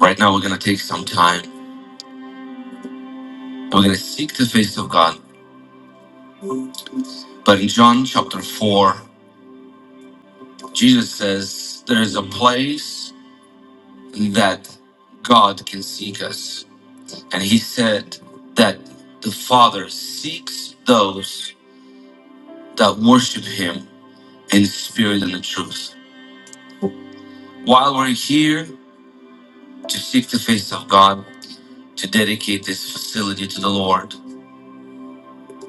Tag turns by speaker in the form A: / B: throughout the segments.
A: Right now, we're going to take some time. and We're going to seek the face of God. But in John chapter 4, Jesus says there is a place that God can seek us. And he said that the Father seeks those that worship him in spirit and in truth. While we're here to seek the face of God, to dedicate this facility to the Lord,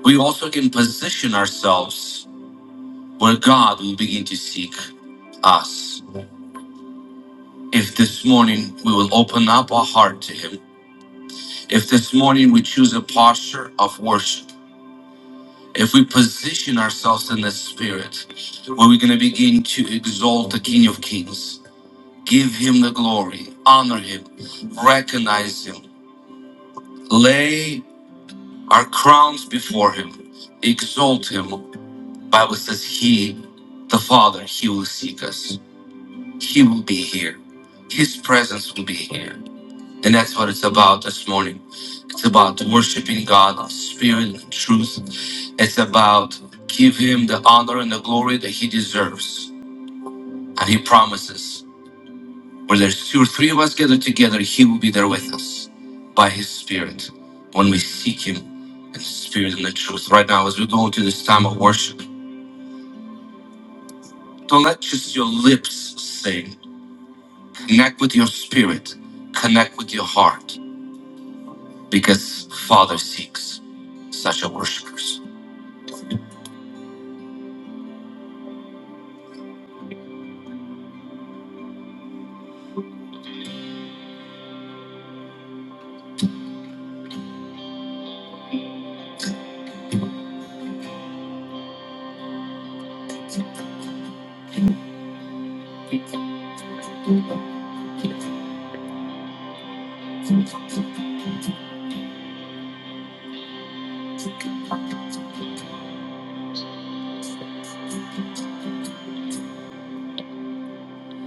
A: we also can position ourselves where God will begin to seek us. If this morning we will open up our heart to Him, if this morning we choose a posture of worship, if we position ourselves in the Spirit, where we're going to begin to exalt the King of Kings, give Him the glory, honor Him, recognize Him, lay our crowns before Him, exalt Him. Bible says He, the Father, He will seek us. He will be here. His presence will be here. And that's what it's about this morning It's about worshiping God in spirit and in truth. It's about give him the honor and the glory that he deserves. And he promises where there's two or three of us gathered together, he will be there with us by his spirit when we seek him in spirit and the truth. Right now, as we go into this time of worship, don't let just your lips sing. Connect with your spirit, connect with your heart, because Father seeks such a worshipers.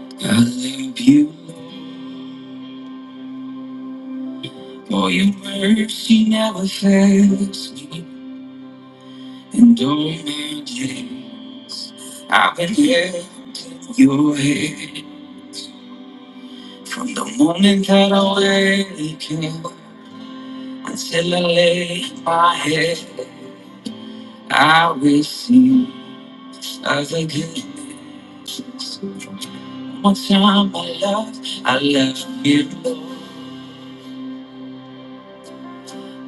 A: I leave you. For your mercy never fails me, and all my days I've been held in your hand from the moment that I wake up until I lay my head. I will sing of the goodness. One more time, my love, I love you, Lord.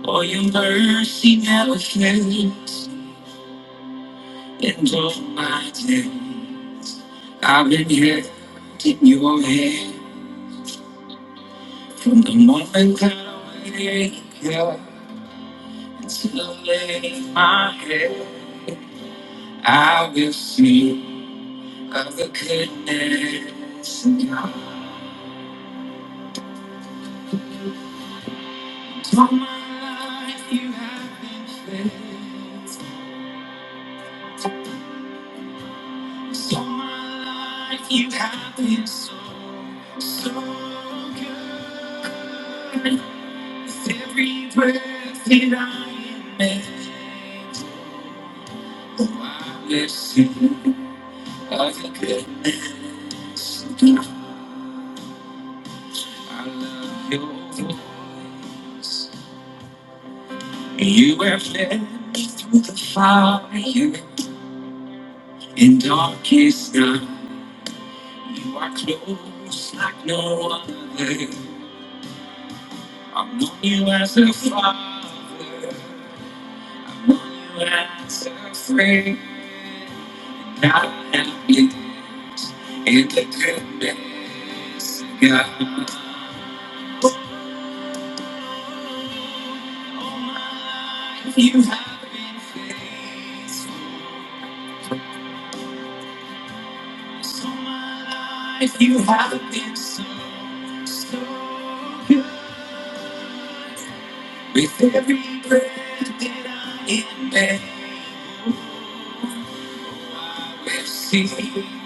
A: For your mercy never fails, me, and all my days. I've been here in your head from the moment that I wake up until I lay my head. I will sing of the goodness of God. So my life you have been faithful. So my life you have been so, so good. With every breath that I am making, I Listen, I could I love your voice. You have led me through the fire in darkest night. You are close like no other. I know you as a father. I know you as a friend. I am in the goodness of God. All my life you have been faithful. So my life you have been so, so good. With every breath that I am there, mercy is kind.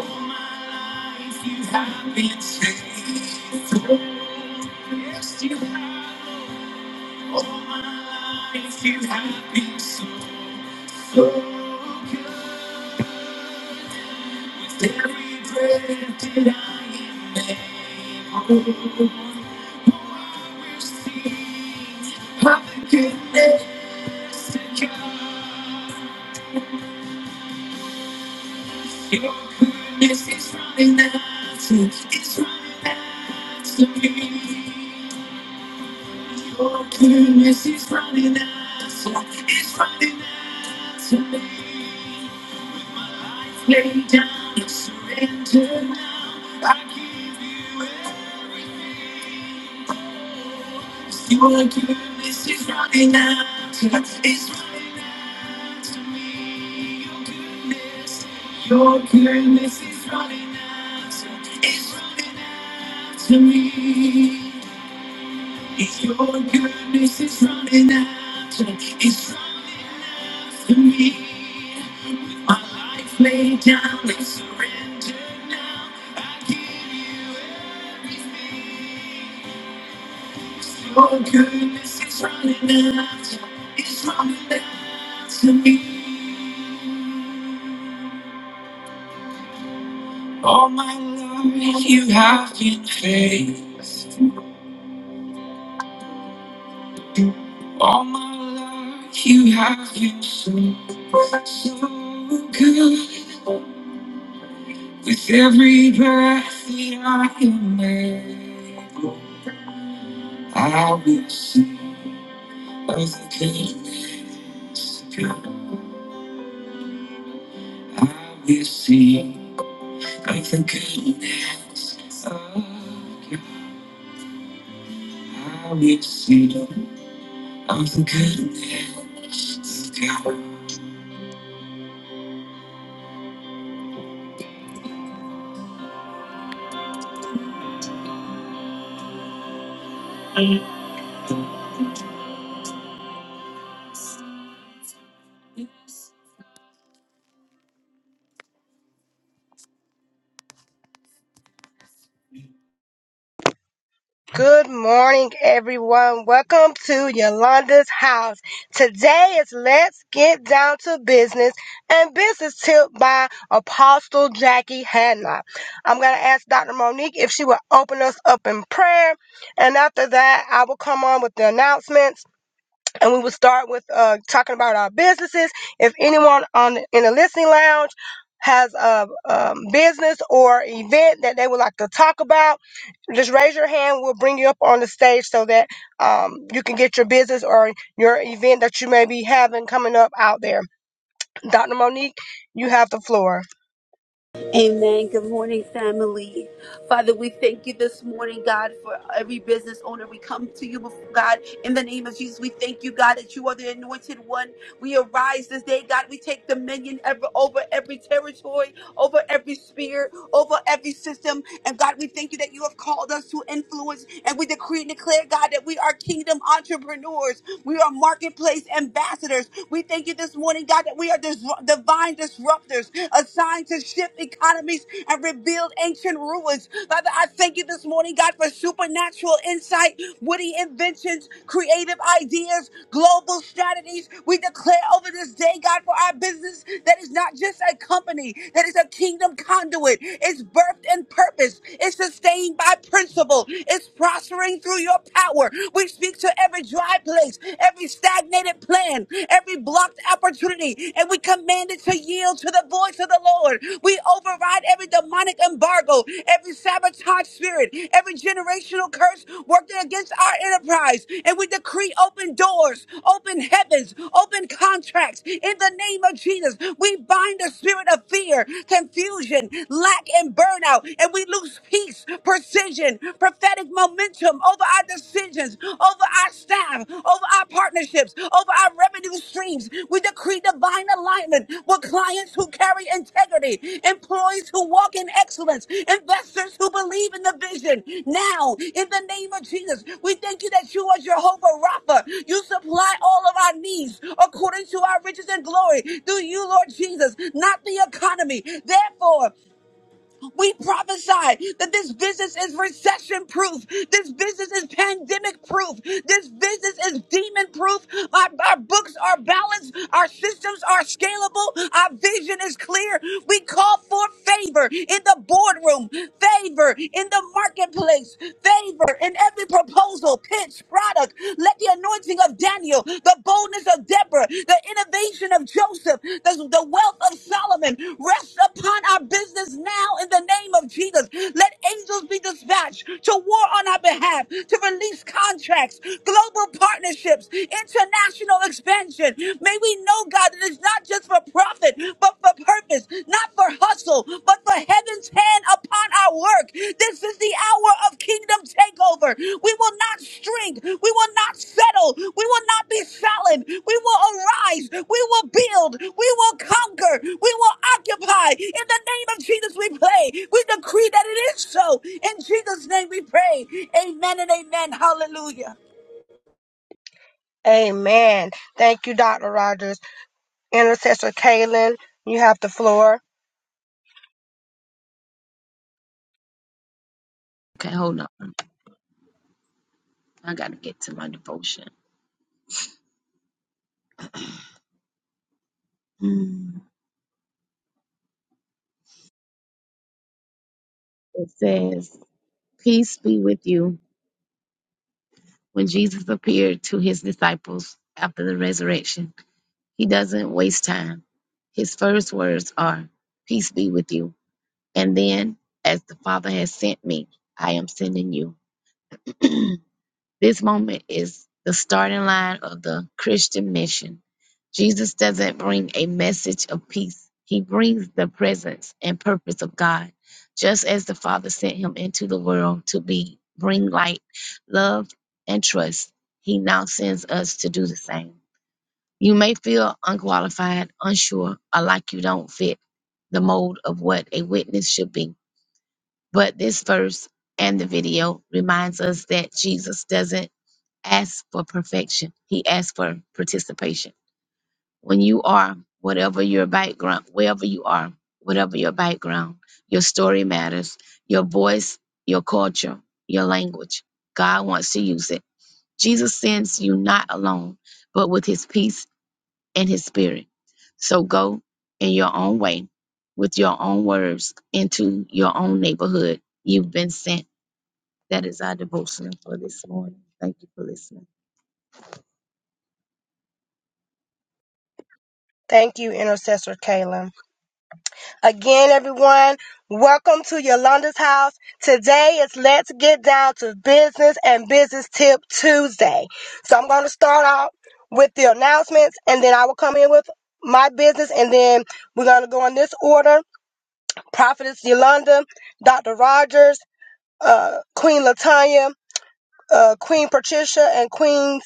A: All my life you have been faithful. Yes, you have. All my life you have been so, so good. Every breath that I am, I sing of the goodness to God. Your goodness is running after, it's running after me. Your goodness is running after, it's running after me. Lay down and surrender now. I give you everything. Your goodness is running after, it's running after me. Your goodness is running after, it's running after me. It's your goodness is running after, it's running after me. With my life laid down, I surrender now. I give you everything. It's your goodness is running after, it's running after me. All my life you have been faithful. All my life you have been so, so good. With every breath that I am able, I will sing of the goodness of God. I will sing of the goodness of God. I will sing of the goodness of God.
B: Good morning, everyone. Welcome to Yolanda's house. Today is Let's Get Down to Business and Business Tip by Apostle Jackie Hadnot. I'm going to ask Dr. Monique if she will open us up in prayer. And after that, I will come on with the announcements and we will start with uh, talking about our businesses. If anyone on in the listening lounge has a um, business or event that they would like to talk about, just raise your hand. We'll bring you up on the stage so that um, you can get your business or your event that you may be having coming up out there. Dr. Monique, you have the floor.
C: Amen. Good morning, family. Father, we thank you this morning, God, for every business owner. We come to you, before God, in the name of Jesus. We thank you, God, that you are the anointed one. We arise this day, God. We take dominion ever over every territory, over every sphere, over every system. And God, we thank you that you have called us to influence. And we decree and declare, God, that we are kingdom entrepreneurs. We are marketplace ambassadors. We thank you this morning, God, that we are dis- divine disruptors assigned to shift economies and rebuild ancient ruins. Father, I thank you this morning, God, for for supernatural insight, witty inventions, creative ideas, global strategies. We declare over this day, God, for our business that is not just a company, that is a kingdom conduit. It's birthed in purpose, it's sustained by principle, it's prospering through your power. We speak to every dry place, every stagnated plan, every blocked opportunity, and we command it to yield to the voice of the Lord. We override every demonic embargo, every sabotage spirit, every generational curse working against our enterprise. And we decree open doors, open heavens, open contracts. In the name of Jesus, we bind the spirit of fear, confusion, lack, and burnout. And we lose peace, precision, prophetic momentum over our decisions, over our staff, over our partnerships, over our revenue streams. We decree divine alignment with clients who carry integrity, employees who walk in excellence, investors who believe in the vision. Now, in the name of Jesus, we thank you that you are Jehovah Rapha. You supply all of our needs according to our riches and glory through you, Lord Jesus, not the economy. Therefore, we prophesy that this business is recession proof. This business is pandemic proof. This business is demon proof. Our, our books are balanced. Our systems are scalable. Our vision is clear. We call for favor in the boardroom, favor in the marketplace, favor in every proposal, pitch, product. Let the anointing anointing of Daniel, the boldness of Deborah, the innovation of Joseph, the, the wealth of Solomon rest upon our business now in the name of Jesus. Let angels be dispatched to war on our behalf, to release contracts, global partnerships, international expansion. May we know, God, that it's not just for profit, but for purpose, not for hustle vessel, but for heaven's hand upon our work. This is the hour of kingdom takeover. We will not shrink. We will not settle. We will not be silent. We will arise. We will build. We will conquer. We will occupy. In the name of Jesus, we pray. We decree that it is so. In Jesus' name, we pray. Amen and amen. Hallelujah.
B: Amen. Thank you, Dr. Rogers. Intercessor Kaylin, you have the floor.
D: Okay, hold on. I got to get to my devotion. Mm. It says, Peace be with you. When Jesus appeared to his disciples after the resurrection, he doesn't waste time. His first words are, Peace be with you. And then, as the Father has sent me, I am sending you. This moment is the starting line of the Christian mission. Jesus doesn't bring a message of peace, he brings the presence and purpose of God, just as the Father sent him into the world to be bring light, love, and trust. He now sends us to do the same. You may feel unqualified, unsure, or like you don't fit the mold of what a witness should be. But this verse and the video reminds us that Jesus doesn't ask for perfection. He asked for participation. When you are, whatever your background, wherever you are, whatever your background, your story matters, your voice, your culture, your language. God wants to use it. Jesus sends you not alone, but with his peace and his spirit. So go in your own way, with your own words, into your own neighborhood. You've been sent. That is our devotional for this morning. Thank you for listening.
B: Thank you, Intercessor Kaylin. Again, everyone, welcome to Yolanda's house. Today is Let's Get Down to Business and Business Tip Tuesday. So I'm going to start out with the announcements and then I will come in with my business and then we're going to go in this order. Prophetess Yolanda, Dr. Rogers, uh, Queen Latanya, uh, Queen Patricia, and Queen,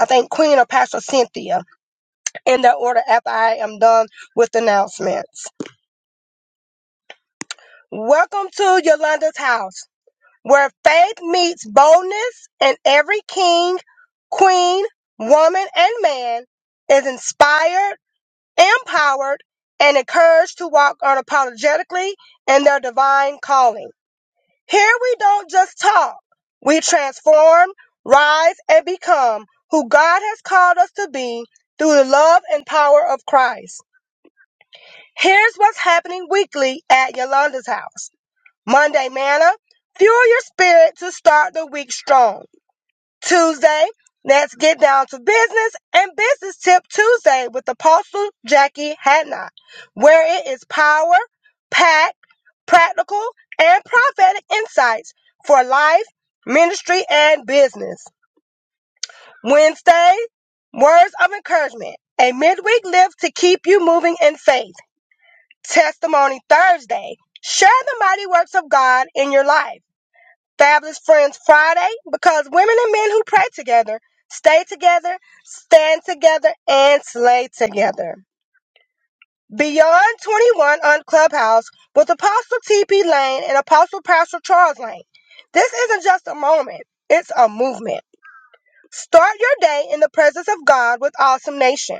B: I think Queen or Pastor Cynthia in that order after I am done with announcements. Welcome to Yolanda's house. where faith meets boldness and every king, queen, woman, and man is inspired, empowered, and encouraged to walk unapologetically in their divine calling. Here we don't just talk, we transform, rise, and become who God has called us to be through the love and power of Christ. Here's what's happening weekly at Yolanda's house Monday, Manna, fuel your spirit to start the week strong. Tuesday, let's get down to business and business tip Tuesday with Apostle Jackie Hadnot, where it is power, packed, practical, and prophetic insights for life, ministry, and business. Wednesday, words of encouragement, a midweek lift to keep you moving in faith. Testimony Thursday, share the mighty works of God in your life. Fabulous Friends Friday because women and men who pray together stay together, stand together, and slay together. Beyond 21 on Clubhouse with Apostle T.P. Lane and Apostle Pastor Charles Lane. This isn't just a moment, it's a movement. Start your day in the presence of God with Awesome Nation.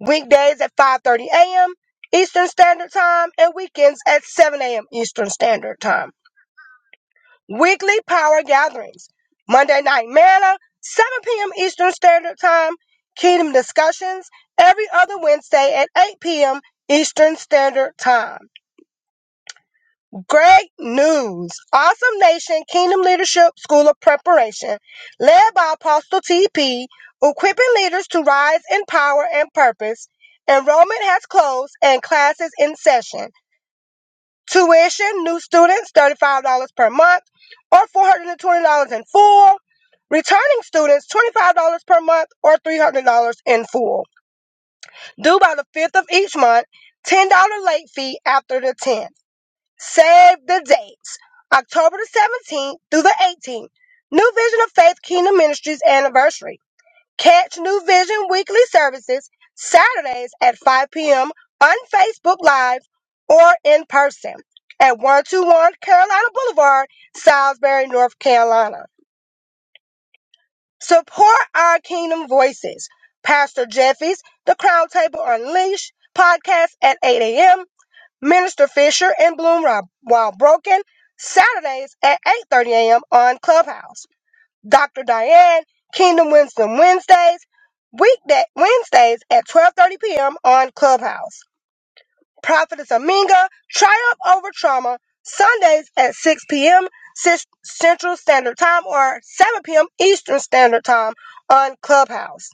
B: Weekdays at 5.30 a.m. Eastern Standard Time and weekends at 7 a.m. Eastern Standard Time. Weekly power gatherings. Monday night manna, 7 p.m. Eastern Standard Time. Kingdom discussions every other Wednesday at 8 p.m. Eastern Standard Time. Great news! Awesome Nation Kingdom Leadership School of Preparation, led by Apostle TP, equipping leaders to rise in power and purpose. Enrollment has closed and classes in session. Tuition, new students, $35 per month or $420 in full. Returning students, $25 per month or $300 in full. Due by the 5th of each month, $10 late fee after the 10th. Save the dates. October the 17th through the 18th. New Vision of Faith Kingdom Ministries anniversary. Catch New Vision weekly services Saturdays at 5 p.m. on Facebook Live or in person at 121 Carolina Boulevard, Salisbury, North Carolina. Support our Kingdom Voices. Pastor Jeffy's The Crown Table Unleashed podcast at 8 a.m. Minister Fisher and Bloom Rob- While Broken Saturdays at 8:30 a.m. on Clubhouse. Dr. Diane, Kingdom Wisdom Wednesdays, weekday Wednesdays at 12:30 p.m. on Clubhouse. Prophetess Aminga, Triumph Over Trauma, Sundays at 6 p.m. Cis- Central Standard Time or 7 p.m. Eastern Standard Time on Clubhouse.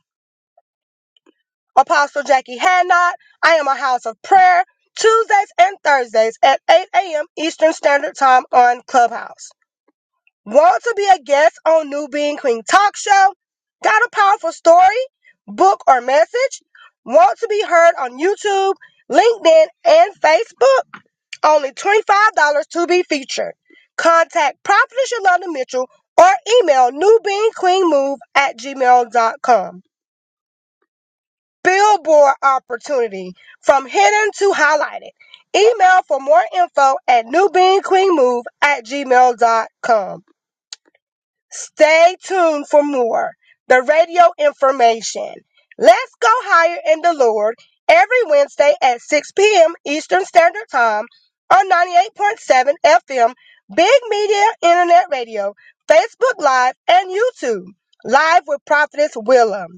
B: Apostle Jackie Hadnot, I am a house of prayer. Tuesdays and Thursdays at 8 a.m. Eastern Standard Time on Clubhouse. Want to be a guest on New Being Queen Talk Show? Got a powerful story, book, or message? Want to be heard on YouTube, LinkedIn, and Facebook? Only $25 to be featured. Contact Prophetess Yolanda Mitchell or email newbeingqueenmove at gmail.com. Billboard opportunity from hidden to highlighted. Email for more info at newbeingqueenmove at gmail.com. Stay tuned for more. The radio information. Let's go higher in the Lord every Wednesday at 6 p.m. Eastern Standard Time on 98.7 FM, Big Media Internet Radio, Facebook Live, and YouTube. Live with Prophetess Willem.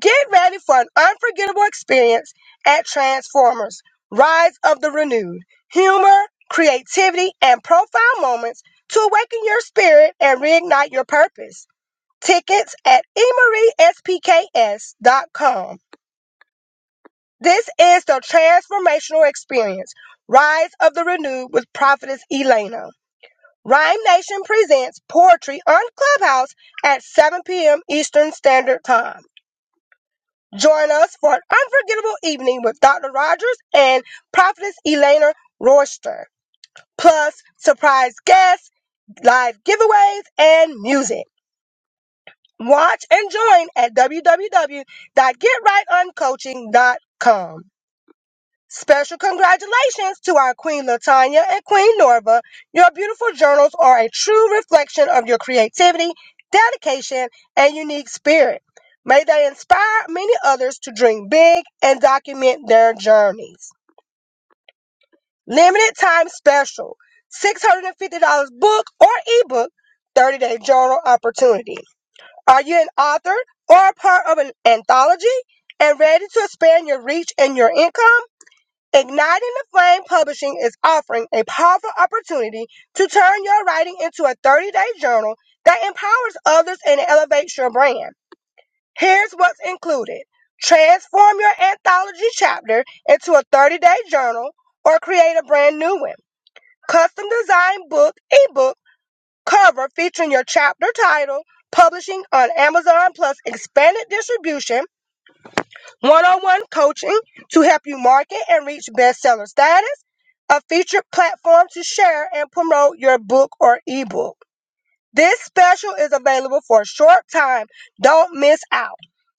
B: Get ready for an unforgettable experience at Transformers Rise of the Renewed. Humor, creativity, and profound moments to awaken your spirit and reignite your purpose. Tickets at emeryspks.com. This is the transformational experience Rise of the Renewed with Prophetess Elena. Rhyme Nation presents poetry on Clubhouse at 7 p.m. Eastern Standard Time. Join us for an unforgettable evening with Dr. Rogers and Prophetess Elena Royster, plus surprise guests, live giveaways, and music. Watch and join at www.getrightoncoaching.com. Special congratulations to our Queen Latanya and Queen Norva. Your beautiful journals are a true reflection of your creativity, dedication, and unique spirit. May they inspire many others to dream big and document their journeys. Limited time special $650 book or ebook, 30 day journal opportunity. Are you an author or a part of an anthology and ready to expand your reach and your income? Igniting the Flame Publishing is offering a powerful opportunity to turn your writing into a 30 day journal that empowers others and elevates your brand. Here's what's included transform your anthology chapter into a 30 day journal or create a brand new one. Custom designed book, ebook, cover featuring your chapter title, publishing on Amazon plus expanded distribution one-on-one coaching to help you market and reach bestseller status, a featured platform to share and promote your book or ebook. This special is available for a short time. Don't miss out.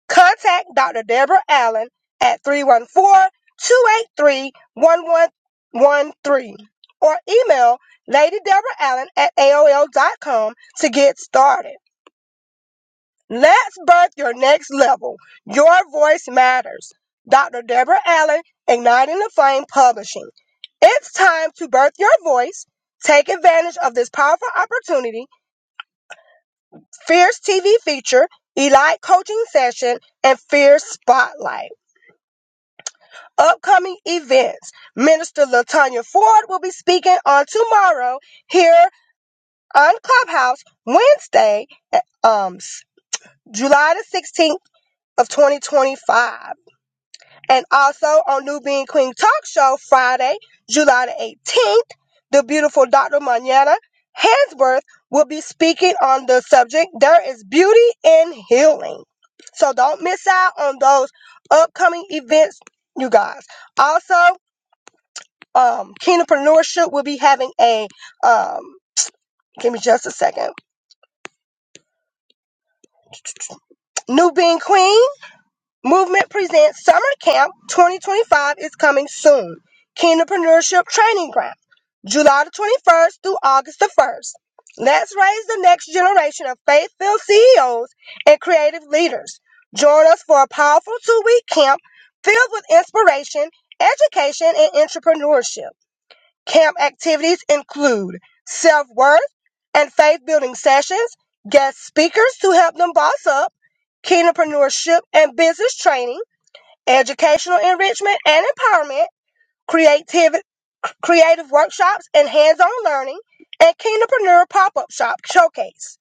B: Contact Dr. Deborah Allen at three one four two eight three one one one three or email Lady Deborah Allen at AOL.com to get started. Let's birth your next level. Your voice matters. Dr. Deborah Allen, Igniting the Flame Publishing. It's time to birth your voice. Take advantage of this powerful opportunity. Fierce TV feature, Elite Coaching Session, and Fierce Spotlight. Upcoming events. Minister Latonya Ford will be speaking on tomorrow here on Clubhouse Wednesday, um, July the 16th of 2025. And also on New Being Queen Talk Show Friday, July the 18th, the beautiful Dr. Manana Hansworth will be speaking on the subject There is Beauty in Healing. So don't miss out on those upcoming events, you guys. Also, um, Kingdompreneurship will be having a, um, give me just a second, New Being Queen. Movement presents Summer Camp 2025 is coming soon. Kingdompreneurship Training Ground, July the 21st through August the 1st. Let's raise the next generation of faith-filled CEOs and creative leaders. Join us for a powerful two-week camp filled with inspiration, education, and entrepreneurship. Camp activities include self-worth and faith-building sessions, guest speakers to help them boss up, kingdompreneurship and business training, educational enrichment and empowerment, creative, creative workshops and hands-on learning, and Kingdompreneur Pop-Up Shop Showcase.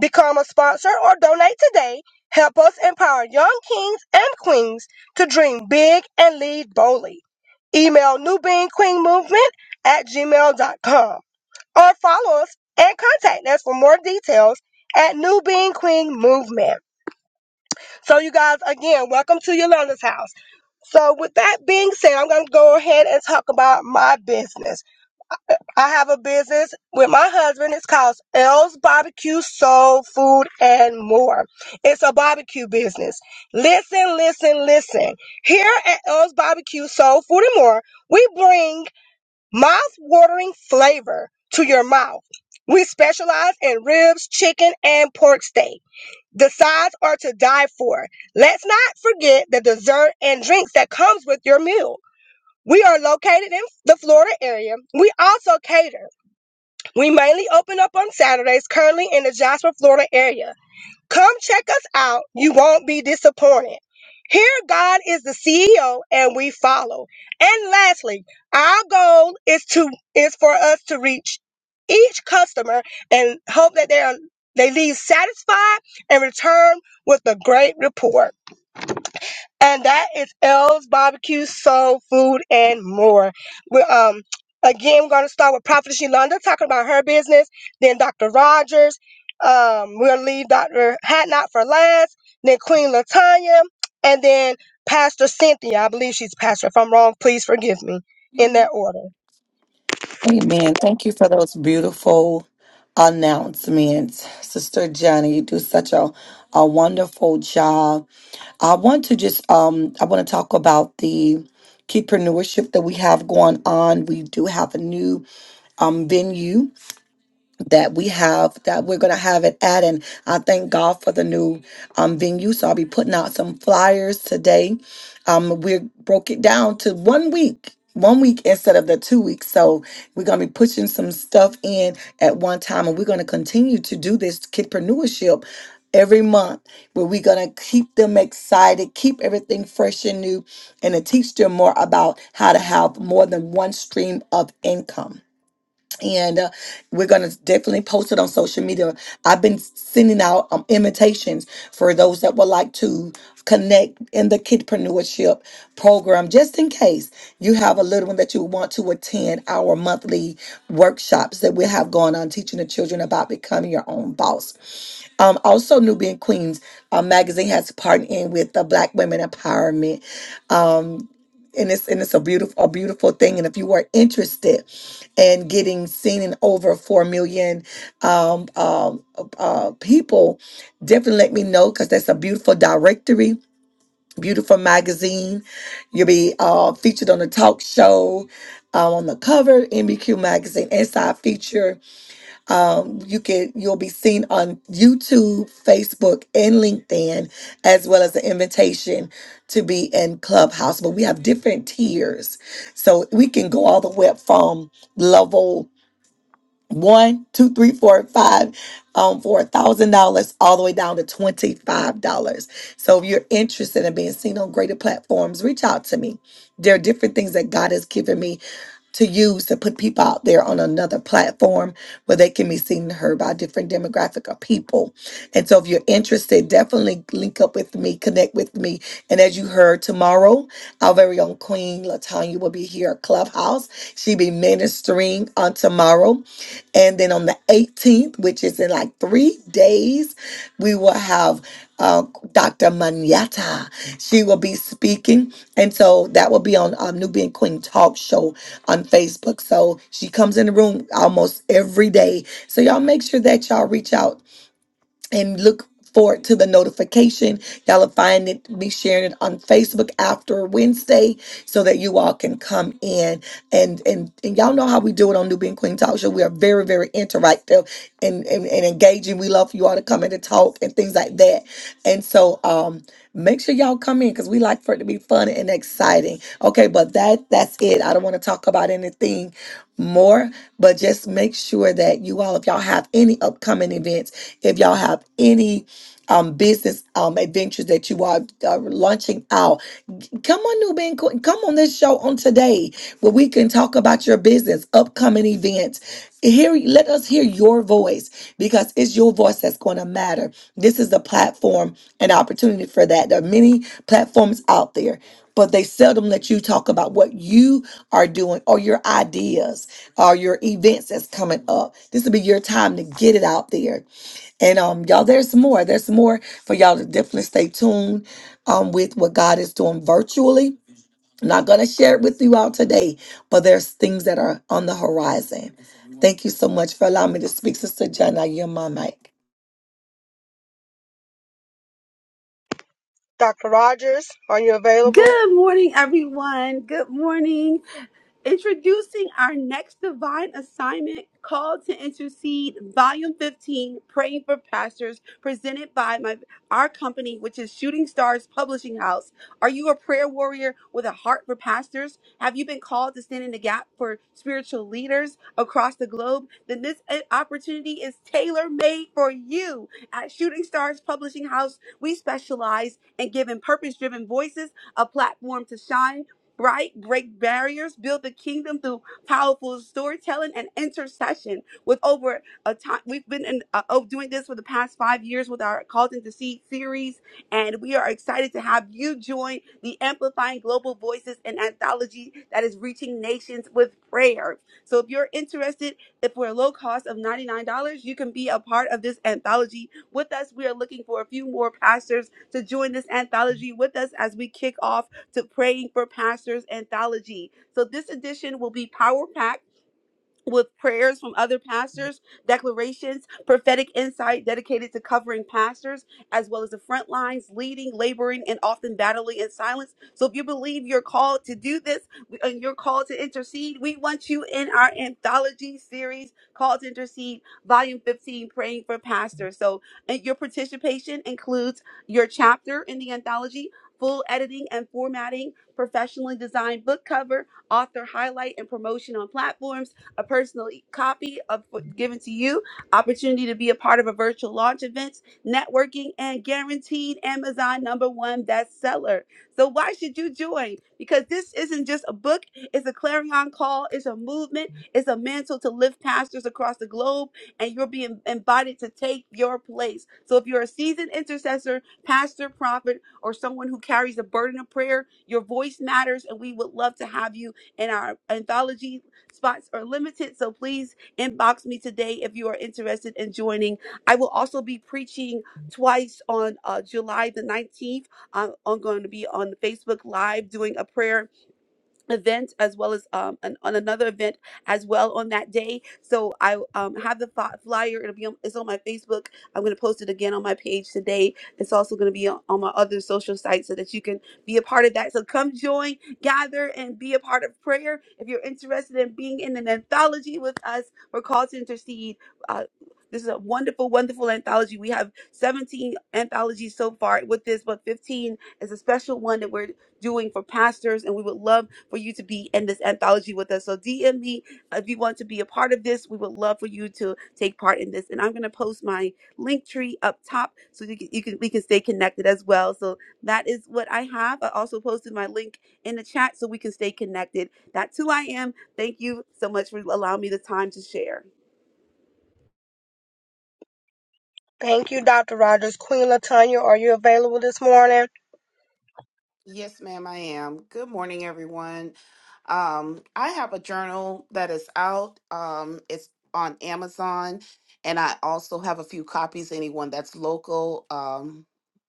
B: Become a sponsor or donate today. Help us empower young kings and queens to dream big and lead boldly. Email newbeingqueenmovement at gmail dot com or follow us and contact us for more details at New Being Queen Movement. So you guys, again, welcome to Yolanda's house. So, with that being said, I'm going to go ahead and talk about my business. I have a business with my husband. It's called L's Barbecue Soul Food and More. It's a barbecue business. Listen, listen, listen. Here at L's Barbecue Soul Food and More, we bring mouth-watering flavor to your mouth. We specialize in ribs, chicken, and pork steak. The sides are to die for. Let's not forget the dessert and drinks that comes with your meal. We are located in the Florida area. We also cater. We mainly open up on Saturdays, currently in the Jasper, Florida area. Come check us out. You won't be disappointed. Here, God is the CEO and we follow. And lastly, our goal is to is for us to reach each customer and hope that they are they leave satisfied and return with a great report and that is L's Barbecue Soul Food and More. We're, um, again, we're going to start with Prophetess Yolanda talking about her business, then Dr. Rogers. Um, we'll leave Dr. Hatnot for last, then Queen Latanya, and then Pastor Cynthia. I believe she's pastor. If I'm wrong, please forgive me. In that order,
A: Amen. Thank you for those beautiful announcements. Sister Johnny, you do such a, a wonderful job. I want to just um I want to talk about the keypreneurship that we have going on. We do have a new um venue that we have that we're going to have it at and i thank god for the new um, venue so i'll be putting out some flyers today um, we broke it down to one week one week instead of the two weeks so we're going to be pushing some stuff in at one time and we're going to continue to do this kidpreneurship every month where we're going to keep them excited keep everything fresh and new and to teach them more about how to have more than one stream of income and uh, we're gonna definitely post it on social media. I've been sending out um, invitations for those that would like to connect in the kidpreneurship program, just in case you have a little one that you want to attend our monthly workshops that we have going on, teaching the children about becoming your own boss. Um, also, Nubian Queens uh, magazine has partnered in with the Black Women Empowerment um, and it's and it's a beautiful a beautiful thing. And if you are interested in getting seen in over four million um, um, uh, people, definitely let me know because that's a beautiful directory, beautiful magazine. You'll be uh, featured on the talk show, um, on the cover, MBQ magazine, inside feature um, you can you'll be seen on YouTube, Facebook, and LinkedIn, as well as the invitation to be in Clubhouse. But we have different tiers, so we can go all the way up from level one, two, three, four, five, um, for a thousand dollars, all the way down to twenty five dollars. So if you're interested in being seen on greater platforms, reach out to me. There are different things that God has given me to use to put people out there on another platform where they can be seen and heard by a different demographic of people. And so if you're interested, definitely link up with me, connect with me. And as you heard tomorrow, our very own Queen Latanya will be here at Clubhouse. She'll be ministering on tomorrow. And then on the 18th, which is in like three days, we will have uh, Dr. Manyata. She will be speaking. And so that will be on um, Nubian Queen Talk Show on Facebook. So she comes in the room almost every day. So y'all make sure that y'all reach out and look forward to the notification. Y'all will find it, be sharing it on Facebook after Wednesday so that you all can come in. And and, and y'all know how we do it on Nubian Queen Talk Show. We are very, very interactive and, and, and engaging. We love for you all to come in and talk talk and things like that. And so um make sure y'all come in because we like for it to be fun and exciting. Okay, but that that's it. I don't want to talk about anything more, but just make sure that you all, if y'all have any upcoming events, if y'all have any um, business um, adventures that you are uh, launching out. Come on, New Ben, come on this show on today where we can talk about your business, upcoming events. Hear, let us hear your voice because it's your voice that's going to matter. This is the platform and opportunity for that. There are many platforms out there, but they seldom let you talk about what you are doing or your ideas or your events that's coming up. This will be your time to get it out there and um, y'all, there's more. There's more for y'all to definitely stay tuned um with what God is doing virtually. I'm not gonna share it with you all today, but there's things that are on the horizon. Thank you so much for allowing me to speak, Sister John. I yield my mic.
B: Dr. Rogers, are you available?
C: Good morning, everyone. Good morning. Introducing our next divine assignment, Call to Intercede, Volume 15, Praying for Pastors, presented by my, our company, which is Shooting Stars Publishing House. Are you a prayer warrior with a heart for pastors? Have you been called to stand in the gap for spiritual leaders across the globe? Then this uh, opportunity is tailor-made for you. At Shooting Stars Publishing House, we specialize in giving purpose-driven voices a platform to shine bright, break barriers, build the kingdom through powerful storytelling and intercession. With over a time, we've been in, uh, oh, doing this for the past five years with our Called into Seed series, and we are excited to have you join the Amplifying Global Voices and anthology that is reaching nations with prayer. So if you're interested, if for a low cost of $99, you can be a part of this anthology with us. We are looking for a few more pastors to join this anthology with us as we kick off to Praying for Pastors anthology. So, this edition will be power packed with prayers from other pastors, declarations, prophetic insight dedicated to covering pastors, as well as the front lines, leading, laboring, and often battling in silence. So if you believe you're called to do this and you're called to intercede, we want you in our anthology series called to intercede, volume 15, praying for pastors. So and your participation includes your chapter in the anthology. Full editing and formatting, professionally designed book cover, author highlight and promotion on platforms, a personal e- copy of given to you, opportunity to be a part of a virtual launch events, networking, and guaranteed Amazon number one bestseller. So why should you join? Because this isn't just a book, it's a clarion call, it's a movement, it's a mantle to lift pastors across the globe, and you're being invited to take your place. So if you're a seasoned intercessor, pastor, prophet, or someone who carries a burden of prayer, your voice matters, and we would love to have you in our anthologies Spots are limited, so please inbox me today if you are interested in joining. I will also be preaching twice on uh, July the 19th. I'm, I'm going to be on Facebook Live doing a prayer event as well as um an, on another event as well on that day so i um have the fi- flyer it'll be on, it's on my facebook i'm going to post it again on my page today it's also going to be on, on my other social sites so that you can be a part of that so come join gather and be a part of prayer if you're interested in being in an anthology with us we're called to intercede uh this is a wonderful, wonderful anthology. We have 17 anthologies so far with this, but 15 is a special one that we're doing for pastors. And we would love for you to be in this anthology with us. So DM me if you want to be a part of this. We would love for you to take part in this. And I'm going to post my link tree up top so you can, you can we can stay connected as well. So that is what I have. I also posted my link in the chat so we can stay connected. That's who I am. Thank you so much for allowing me the time to share.
B: Thank you, Dr. Rogers. Queen Latanya, are you available this morning?
E: Yes, ma'am, I am. Good morning, everyone. Um, I have a journal that is out. Um, it's on Amazon, and I also have a few copies. Anyone that's local, um,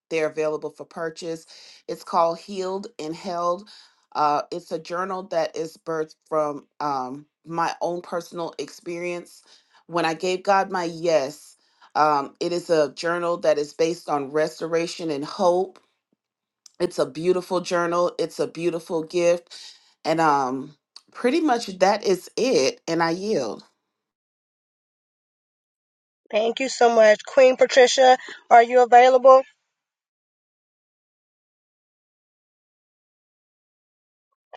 E: they're available for purchase. It's called Healed and Held. Uh, it's a journal that is birthed from um, my own personal experience. When I gave God my yes, um, it is a journal that is based on restoration and hope it's a beautiful journal. It's a beautiful gift. And um pretty much that is it and I yield.
B: Thank you so much. Queen Patricia, are you available?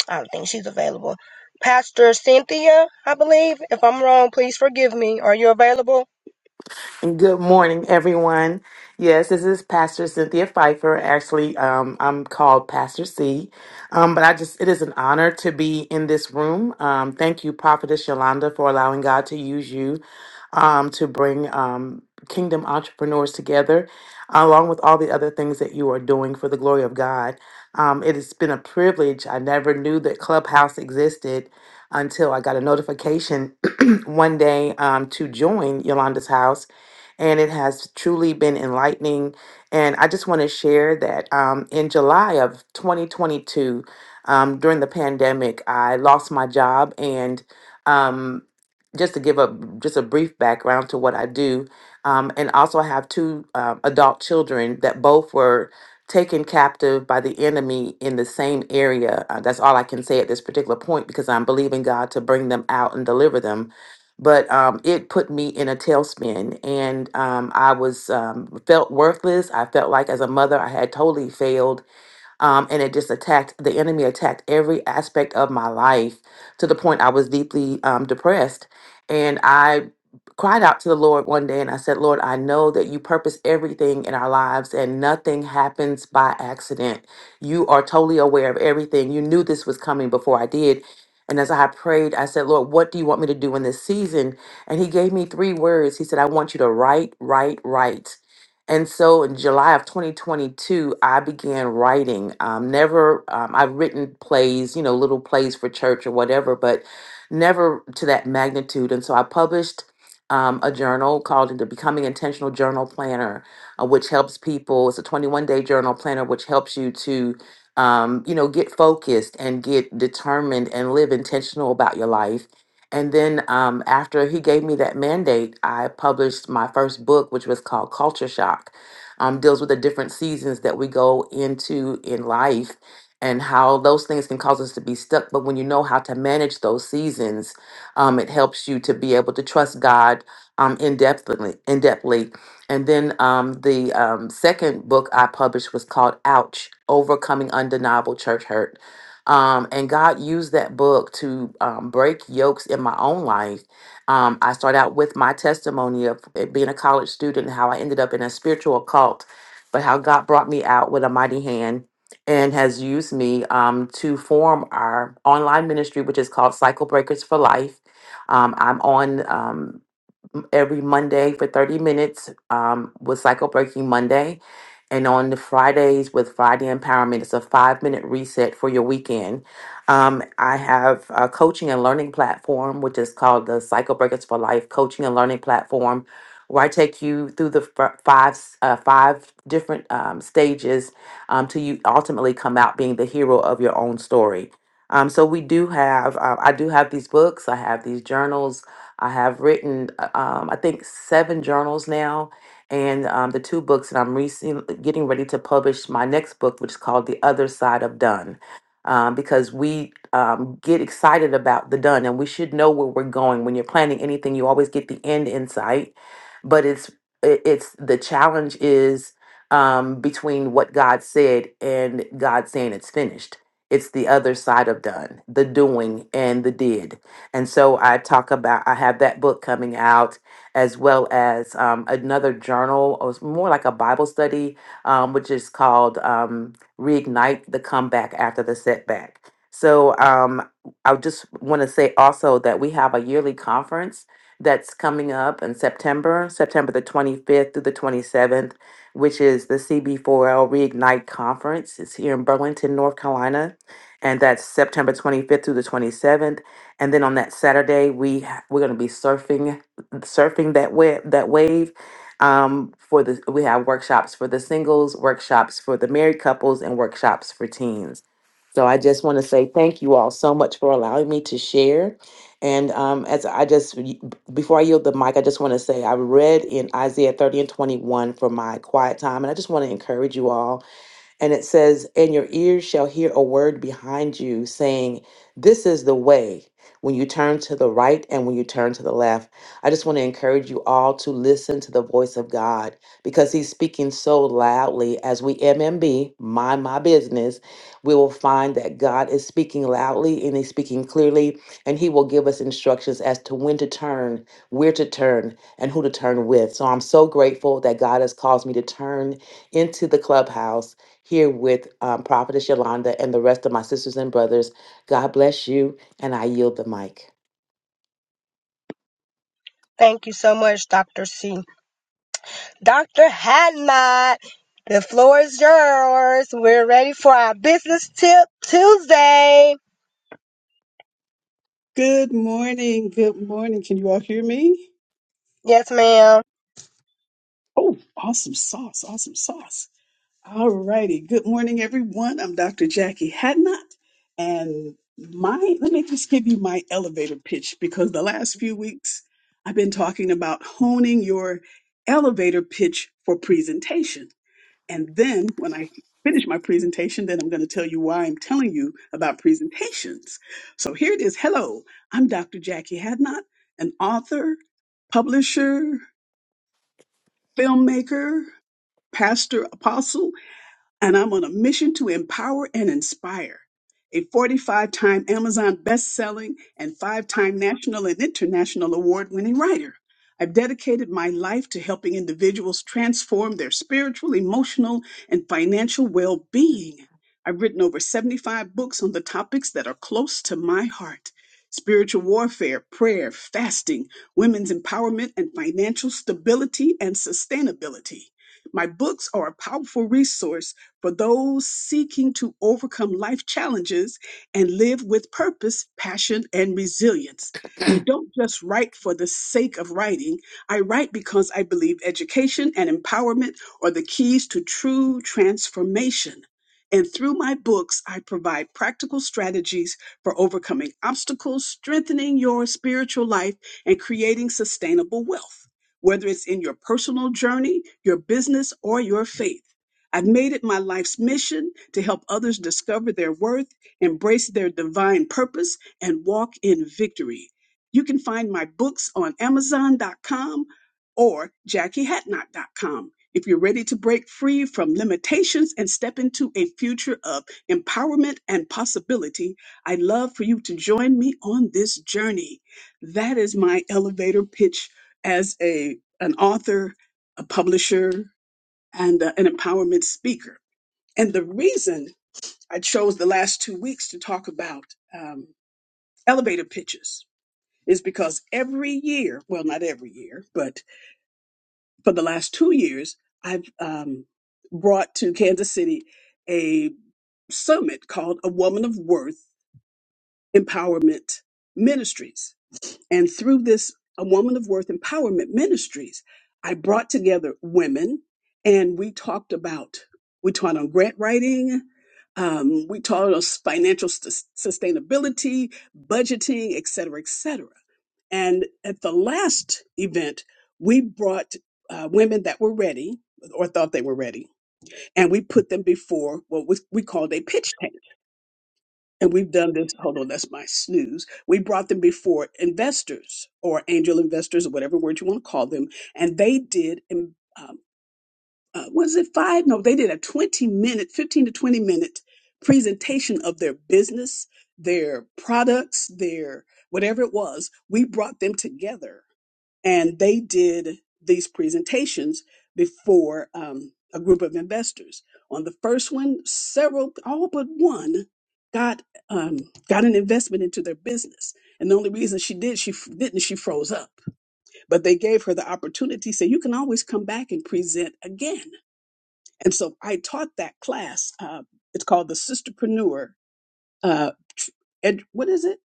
B: I don't think she's available. Pastor Cynthia, I believe. If I'm wrong, please forgive me. Are you available?
F: Good morning, everyone. Yes, this is Pastor Cynthia Pfeiffer. Actually, um, I'm called Pastor C. Um, but I just, it is an honor to be in this room. Um, thank you, Prophetess Yolanda, for allowing God to use you um, to bring um, kingdom entrepreneurs together, along with all the other things that you are doing for the glory of God. Um, it has been a privilege. I never knew that Clubhouse existed until I got a notification one day um, to join Yolanda's house and it has truly been enlightening. And I just want to share that um, in July of 2022, um, during the pandemic, I lost my job. And um, just to give a just a brief background to what I do, um, and also I have two uh, adult children that both were taken captive by the enemy in the same area. Uh, that's all I can say at this particular point because I'm believing God to bring them out and deliver them but um, it put me in a tailspin and um, i was um, felt worthless i felt like as a mother i had totally failed um, and it just attacked, the enemy attacked every aspect of my life to the point I was deeply um, depressed. And I cried out to the Lord one day and I said, Lord, I know that you purpose everything in our lives and nothing happens by accident. You are totally aware of everything. You knew this was coming before I did. And as I prayed, I said, Lord, what do you want me to do in this season? And he gave me three words. He said, I want you to write, write, write. And so in July of 2022, I began writing. Um, never, um, I've written plays, you know, little plays for church or whatever, but never to that magnitude. And so I published um, a journal called the Becoming Intentional Journal Planner, uh, which helps people. It's a 21 day journal planner, which helps you to, um, you know, get focused and get determined and live intentional about your life. And then um, after he gave me that mandate, I published my first book, which was called Culture Shock. Um, deals with the different seasons that we go into in life and how those things can cause us to be stuck. But when you know how to manage those seasons, um, it helps you to be able to trust God um, in depthly. In depthly. And then um, the um, second book I published was called Ouch Overcoming Undeniable Church Hurt um, and God used that book to um, break yokes in my own life. Um, I start out with my testimony of it being a college student, how I ended up in a spiritual cult, but how God brought me out with a mighty hand and has used me um, to form our online ministry, which is called Cycle Breakers for Life. Um, I'm on. um, m- every Monday for 30 minutes um, with Cycle Breaking Monday. And on the Fridays with Friday Empowerment, it's a five minute reset for your weekend. Um, I have a coaching and learning platform, which is called the Cycle Breakers for Life Coaching and Learning Platform, where I take you through the f- five, s- uh, five different um, stages um, till you ultimately come out being the hero of your own story. Um, so we do have, uh, I do have these books, I have these journals, I have written, uh, um, I think, seven journals now and um, the two books, and I'm recently getting ready to publish my next book, which is called The Other Side of Done. Um, because we um, get excited about the done and we should know where we're going. When you're planning anything, you always get the end in sight, but it's it- it's the challenge is um, between what God said and God saying it's finished. It's the other side of done, the doing and the did and so I talk about, I have that book coming out as well as um, another journal, or it's more like a Bible study, um, which is called um, Reignite the Comeback After the Setback. So um, I just want to say also that we have a yearly conference that's coming up in September, September the 25th through the 27th, which is the CB4L Reignite Conference. It's here in Burlington, North Carolina, and that's September 25th through the 27th and then on that Saturday we ha- we're going to be surfing surfing that wave that wave um, for the we have workshops for the singles, workshops for the married couples, and workshops for teens. So I just want to say thank you all so much for allowing me to share. And um, as I just y- before I yield the mic, I just want to say I read in Isaiah 30 and 21 for my quiet time, and I just want to encourage you all and it says, And your ears shall hear a word behind you saying, This is the way when you turn to the right and when you turn to the left. I just want to encourage you all to listen to the voice of God because He's speaking so loudly. As we MMB, mind my business, we will find that God is speaking loudly and He's speaking clearly, and He will give us instructions as to when to turn, where to turn, and who to turn with. So I'm so grateful that God has caused me to turn into the clubhouse here with um, Prophetess Yolanda and the rest of my sisters and brothers. God bless you, and I yield the mic.
B: Thank you so much, Dr. C. Dr. Hadnot, the floor is yours. We're ready for our business tip Tuesday.
G: Good morning. Good morning. Can you all hear me?
B: Yes, ma'am.
G: Oh, awesome sauce. Awesome sauce. All righty. Good morning, everyone. I'm Dr. Jackie Hadnot. And my, let me just give you my elevator pitch because the last few weeks I've been talking about honing your elevator pitch for presentation. And then when I finish my presentation, then I'm going to tell you why I'm telling you about presentations. So here it is. Hello, I'm Dr. Jackie Hadnot, an author, publisher, filmmaker, pastor, apostle, and I'm on a mission to empower and inspire. A 45 time Amazon best selling and five time national and international award winning writer. I've dedicated my life to helping individuals transform their spiritual, emotional, and financial well being. I've written over 75 books on the topics that are close to my heart spiritual warfare, prayer, fasting, women's empowerment, and financial stability and sustainability. My books are a powerful resource for those seeking to overcome life challenges and live with purpose, passion, and resilience. I don't just write for the sake of writing. I write because I believe education and empowerment are the keys to true transformation. And through my books, I provide practical strategies for overcoming obstacles, strengthening your spiritual life, and creating sustainable wealth, whether it's in your personal journey, your business, or your faith. I've made it my life's mission to help others discover their worth, embrace their divine purpose, and walk in victory. You can find my books on Amazon.com or JackieHatnot.com. If you're ready to break free from limitations and step into a future of empowerment and possibility, I'd love for you to join me on this journey. That is my elevator pitch as a an author, a publisher, and uh, an empowerment speaker. And the reason I chose the last two weeks to talk about um, elevator pitches is because every year, well, not every year, but for the last two years, I've um, brought to Kansas City a summit called A Woman of Worth Empowerment Ministries And through this A Woman of Worth Empowerment Ministries, I brought together women and we talked about, we taught on grant writing, um, we taught on financial sus- sustainability, budgeting, et cetera, et cetera. And at the last event, we brought uh, women that were ready or thought they were ready, and we put them before what was, we called a pitch and we've done this. Hold on, that's my snooze. We brought them before investors or angel investors or whatever word you want to call them, and they did. Um, uh, was it five? No, they did a twenty-minute, fifteen to twenty-minute presentation of their business, their products, their whatever it was. We brought them together and they did these presentations before um, a group of investors. On the first one, several, all but one, got um, got an investment into their business. And the only reason she did, she f- didn't, she froze up. But they gave her the opportunity, say you can always come back and present again. And so I taught that class. Uh, it's called the Sisterpreneur uh, and what is it?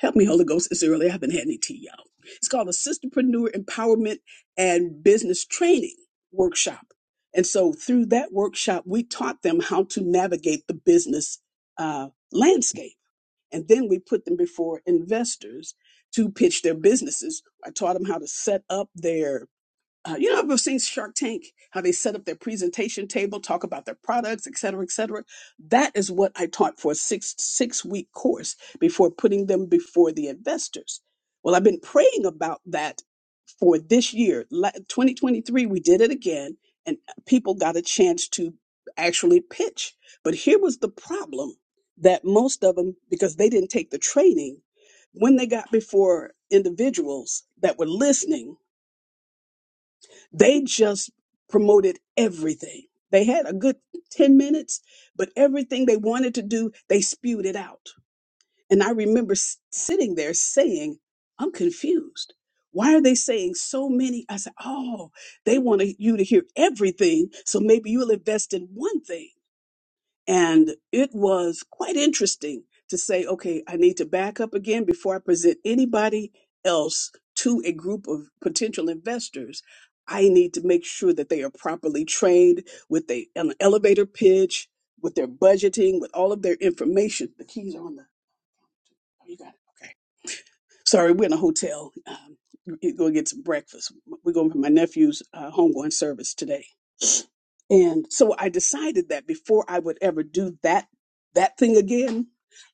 G: Help me, Holy Ghost. It's early. I haven't had any tea, y'all. It's called a Sisterpreneur Empowerment and Business Training Workshop. And so through that workshop, we taught them how to navigate the business uh, landscape. And then we put them before investors to pitch their businesses. I taught them how to set up their uh, you know, I've seen Shark Tank, how they set up their presentation table, talk about their products, et cetera, et cetera. That is what I taught for a six six week course before putting them before the investors. Well, I've been praying about that for this year, La- 2023. We did it again, and people got a chance to actually pitch. But here was the problem that most of them, because they didn't take the training, when they got before individuals that were listening they just promoted everything. They had a good 10 minutes, but everything they wanted to do, they spewed it out. And I remember s- sitting there saying, I'm confused. Why are they saying so many? I said, Oh, they want you to hear everything. So maybe you'll invest in one thing. And it was quite interesting to say, okay, I need to back up again before I present anybody else to a group of potential investors. I need to make sure that they are properly trained with a, an elevator pitch, with their budgeting, with all of their information. The keys are on the, oh, you got it. Okay. Sorry, we're in a hotel. Um, we're going to get some breakfast. We're going for my nephew's uh, homegoing service today. And so I decided that before I would ever do that that thing again,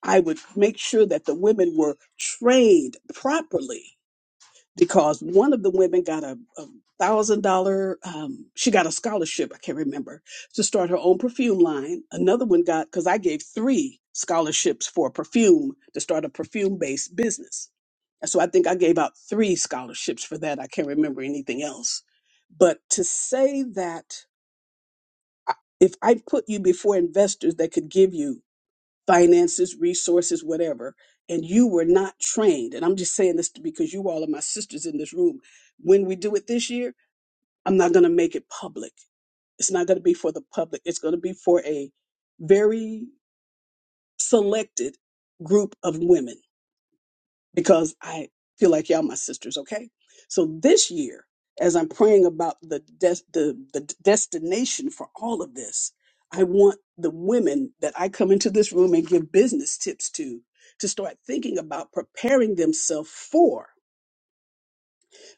G: I would make sure that the women were trained properly because one of the women got a, a thousand dollar um she got a scholarship i can't remember to start her own perfume line another one got because i gave three scholarships for perfume to start a perfume based business and so i think i gave out three scholarships for that i can't remember anything else but to say that if I put you before investors that could give you finances, resources, whatever, and you were not trained, and I'm just saying this because you all are my sisters in this room, when we do it this year, I'm not going to make it public. It's not going to be for the public. It's going to be for a very selected group of women because I feel like y'all my sisters, okay? So this year, as I'm praying about the des- the, the destination for all of this, I want the women that I come into this room and give business tips to to start thinking about preparing themselves for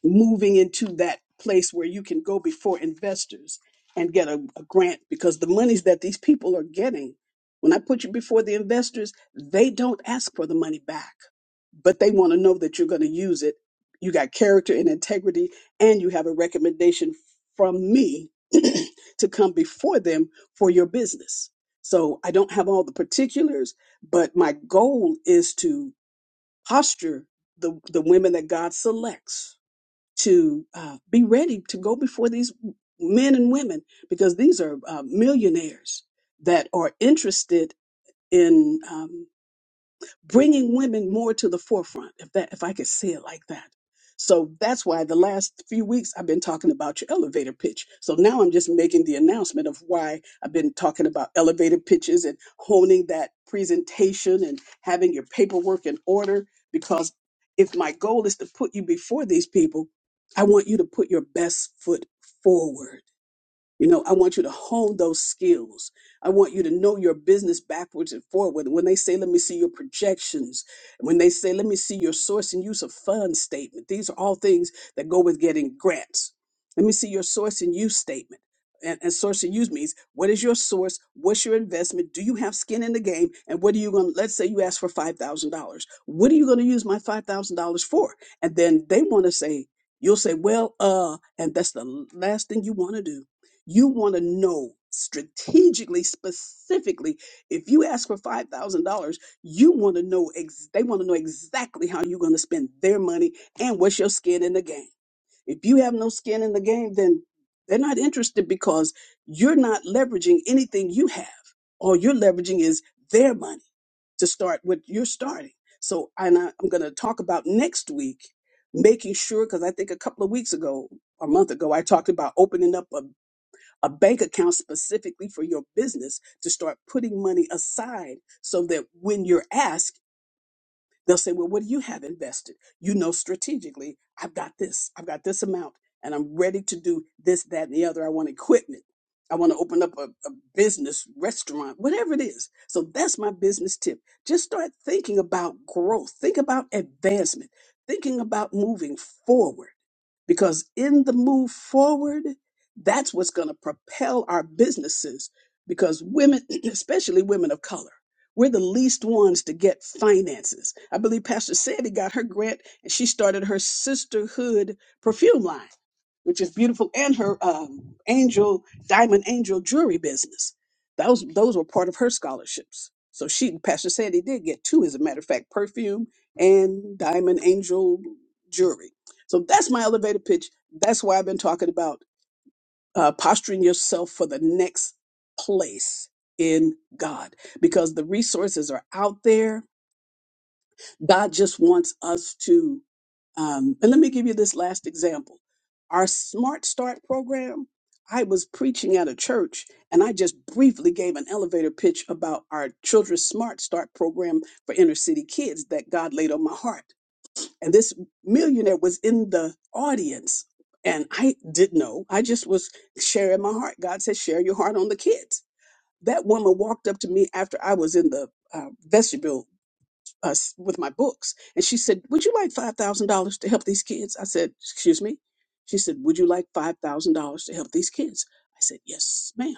G: moving into that place where you can go before investors and get a, a grant because the monies that these people are getting, when I put you before the investors, they don't ask for the money back, but they want to know that you're going to use it. You got character and integrity, and you have a recommendation from me to come before them for your business. So I don't have all the particulars, but my goal is to posture the, the women that God selects to uh, be ready to go before these men and women because these are uh, millionaires that are interested in. Um, bringing women more to the forefront, if that, if I could say it like that. So that's why the last few weeks I've been talking about your elevator pitch. So now I'm just making the announcement of why I've been talking about elevator pitches and honing that presentation and having your paperwork in order. Because if my goal is to put you before these people, I want you to put your best foot forward you know, I want you to hone those skills. I want you to know your business backwards and forward. When they say, let me see your projections, when they say, let me see your source and use of funds statement, these are all things that go with getting grants. Let me see your source and use statement. And, and source and use means what is your source? What's your investment? Do you have skin in the game? And what are you going to, let's say you ask for $5,000. What are you going to use my $5,000 for? And then they want to say, you'll say, well, uh, and that's the last thing you want to do you want to know strategically, specifically, if you ask for $5,000, you want to know, ex- they want to know exactly how you're going to spend their money and what's your skin in the game. If you have no skin in the game, then they're not interested because you're not leveraging anything you have. All you're leveraging is their money to start what you're starting. So, and I, I'm going to talk about next week, making sure, because I think a couple of weeks ago, a month ago, I talked about opening up a bank account specifically for your business to start putting money aside so that when you're asked, they'll say, Well, what do you have invested? You know, strategically, I've got this, I've got this amount, and I'm ready to do this, that, and the other. I want equipment. I want to open up a, a business, restaurant, whatever it is. So that's my business tip. Just start thinking about growth, think about advancement, thinking about moving forward because in the move forward, that's what's going to propel our businesses. Because women, especially women of color, we're the least ones to get finances. I believe Pastor Sandy got her grant and she started her sisterhood perfume line, which is beautiful, and her um, angel, diamond angel jewelry business. Those, those were part of her scholarships. So she, Pastor Sandy did get two, as a matter of fact, perfume and diamond angel jewelry. So that's my elevator pitch. That's why I've been talking about uh, posturing yourself for the next place in God because the resources are out there. God just wants us to. Um, and let me give you this last example. Our Smart Start program, I was preaching at a church and I just briefly gave an elevator pitch about our Children's Smart Start program for inner city kids that God laid on my heart. And this millionaire was in the audience. And I didn't know. I just was sharing my heart. God said, share your heart on the kids. That woman walked up to me after I was in the uh, vestibule uh, with my books. And she said, Would you like $5,000 to help these kids? I said, Excuse me. She said, Would you like $5,000 to help these kids? I said, Yes, ma'am.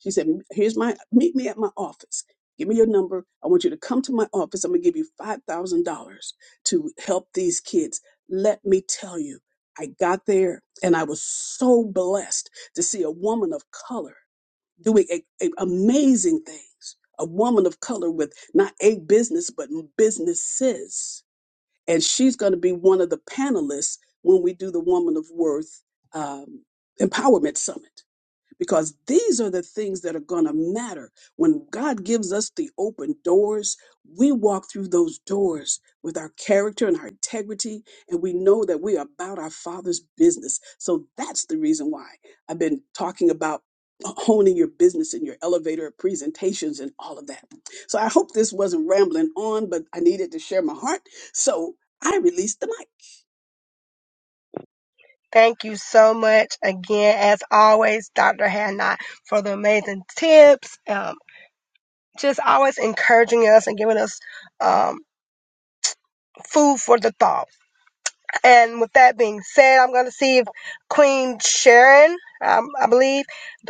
G: She said, Here's my, meet me at my office. Give me your number. I want you to come to my office. I'm going to give you $5,000 to help these kids. Let me tell you, I got there and I was so blessed to see a woman of color doing a, a- amazing things. A woman of color with not a business, but businesses. And she's going to be one of the panelists when we do the Woman of Worth um, Empowerment Summit because these are the things that are going to matter. When God gives us the open doors, we walk through those doors with our character and our integrity, and we know that we are about our Father's business. So that's the reason why I've been talking about honing your business and your elevator presentations and all of that. So I hope this wasn't rambling on, but I needed to share my heart. So I released the mic.
B: Thank you so much again, as always, Dr. Hadnot, for the amazing tips. Um, just always encouraging us and giving us um, food for the thought. And with that being said, I'm going to see if Queen Sharon, um, I believe,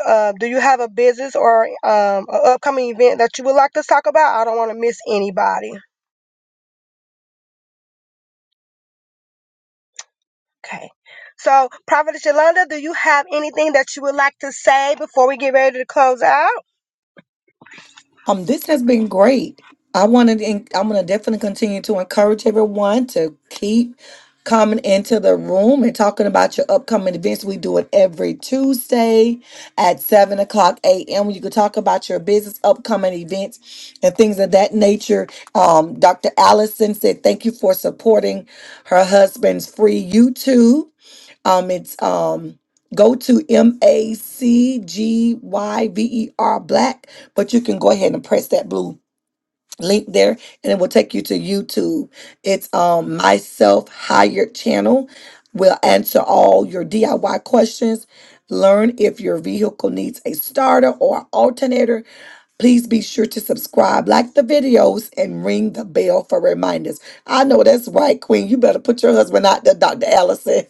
B: uh, do you have a business or um, an upcoming event that you would like to talk about? I don't want to miss anybody. Okay. So, Prophet Yolanda, do you have anything that you would like to say before we get ready to close out?
A: Um, this has been great. I wanted, to I'm going to definitely continue to encourage everyone to keep coming into the room and talking about your upcoming events. We do it every Tuesday at seven o'clock a.m. You can talk about your business, upcoming events, and things of that nature. Um, Dr. Allison said, "Thank you for supporting her husband's free YouTube." Um, it's um go to M A C G Y V E R Black, but you can go ahead and press that blue link there and it will take you to YouTube. It's um myself hired channel. We'll answer all your DIY questions. Learn if your vehicle needs a starter or alternator. Please be sure to subscribe, like the videos, and ring the bell for reminders. I know that's right, Queen. You better put your husband out there, Dr. Allison.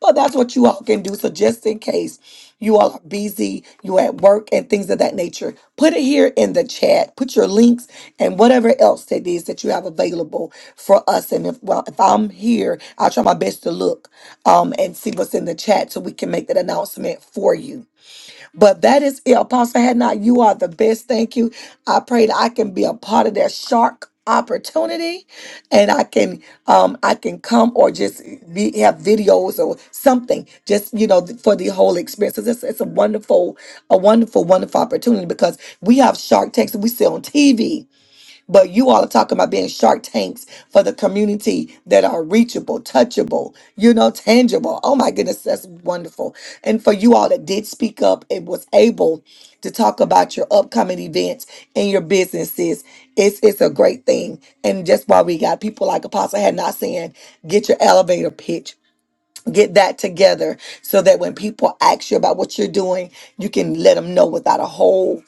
A: But that's what you all can do. So just in case you all are busy, you at work and things of that nature, put it here in the chat. Put your links and whatever else that is that you have available for us. And if well, if I'm here, I'll try my best to look um and see what's in the chat so we can make that announcement for you. But that is it. Apostle Hadnot, you are the best. Thank you. I pray that I can be a part of that shark opportunity and I can um I can come or just be have videos or something just you know for the whole experience. So It's, it's a wonderful, a wonderful, wonderful opportunity because we have shark tanks that we see on TV but you all are talking about being shark tanks for the community that are reachable, touchable, you know, tangible. Oh my goodness, that's wonderful. And for you all that did speak up and was able to talk about your upcoming events and your businesses, it's it's a great thing. And just why we got people like Apostle had not saying, get your elevator pitch. Get that together so that when people ask you about what you're doing, you can let them know without a whole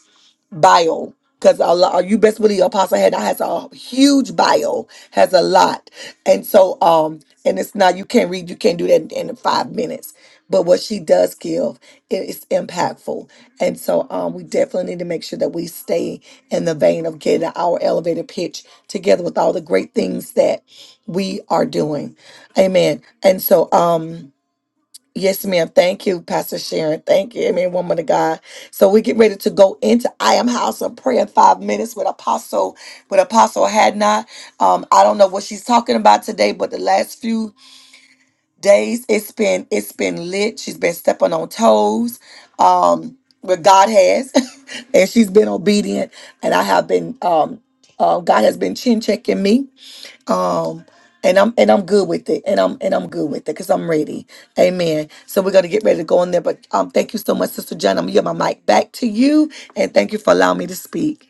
A: bio because Allah, you best believe Apostle Hannah has a huge bio, has a lot, and so um, and it's not you can't read, you can't do that in, in five minutes. But what she does give is impactful, and so um, we definitely need to make sure that we stay in the vein of getting our elevator pitch together with all the great things that we are doing, Amen. And so um. Yes, ma'am. Thank you, Pastor Sharon. Thank you, Amen, woman of God. So we get ready to go into I Am House of Prayer in five minutes with Apostle, with Apostle Hadnot. Um, I don't know what she's talking about today, but the last few days it's been it's been lit. She's been stepping on toes. Um, but God has, and she's been obedient, and I have been um uh, God has been chin checking me um and i'm and i'm good with it and i'm and i'm good with it because i'm ready amen so we're going to get ready to go in there but um thank you so much sister john i'm gonna get my mic back to you and thank you for allowing me to speak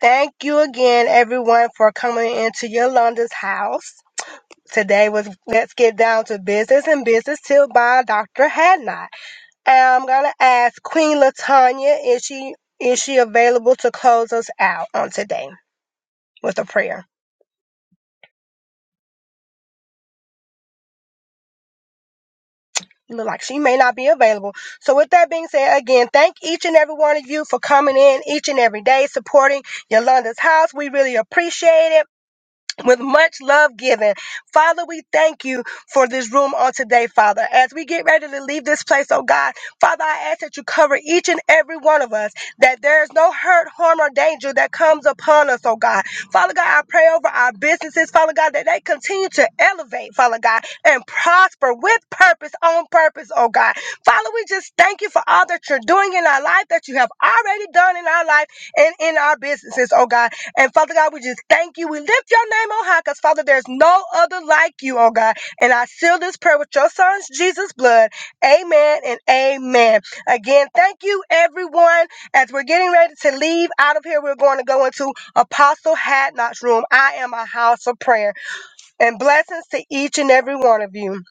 B: Thank you again, everyone, for coming into Yolanda's house. Today was Let's Get Down to Business and Business Till by Dr. Hadnot. I'm gonna ask Queen Latanya, is she is she available to close us out on today with a prayer? You look like she may not be available. So with that being said, again, thank each and every one of you for coming in each and every day, supporting Yolanda's house. We really appreciate it. with much love given. Father, we thank you for this room on today, Father. As we get ready to leave this place, oh God, Father, I ask that you cover each and every one of us, that there is no hurt, harm, or danger that comes upon us, oh God. Father God, I pray over our businesses, Father God, that they continue to elevate, Father God, and prosper with purpose, on purpose, oh God. Father, we just thank you for all that you're doing in our life, that you have already done in our life and in our businesses, oh God. And Father God, we just thank you. We lift your name on high because, Father, there's no other like you, oh God. And I seal this prayer with your son's Jesus' blood. Amen and amen. Again, thank you, everyone. As we're getting ready to leave out of here, we're going to go into Apostle Hadnot's room. I am a house of prayer. And blessings to each and every one of you.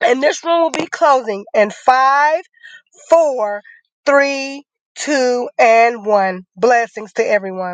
B: And this room will be closing in five, four, three, two, and one. Blessings to everyone.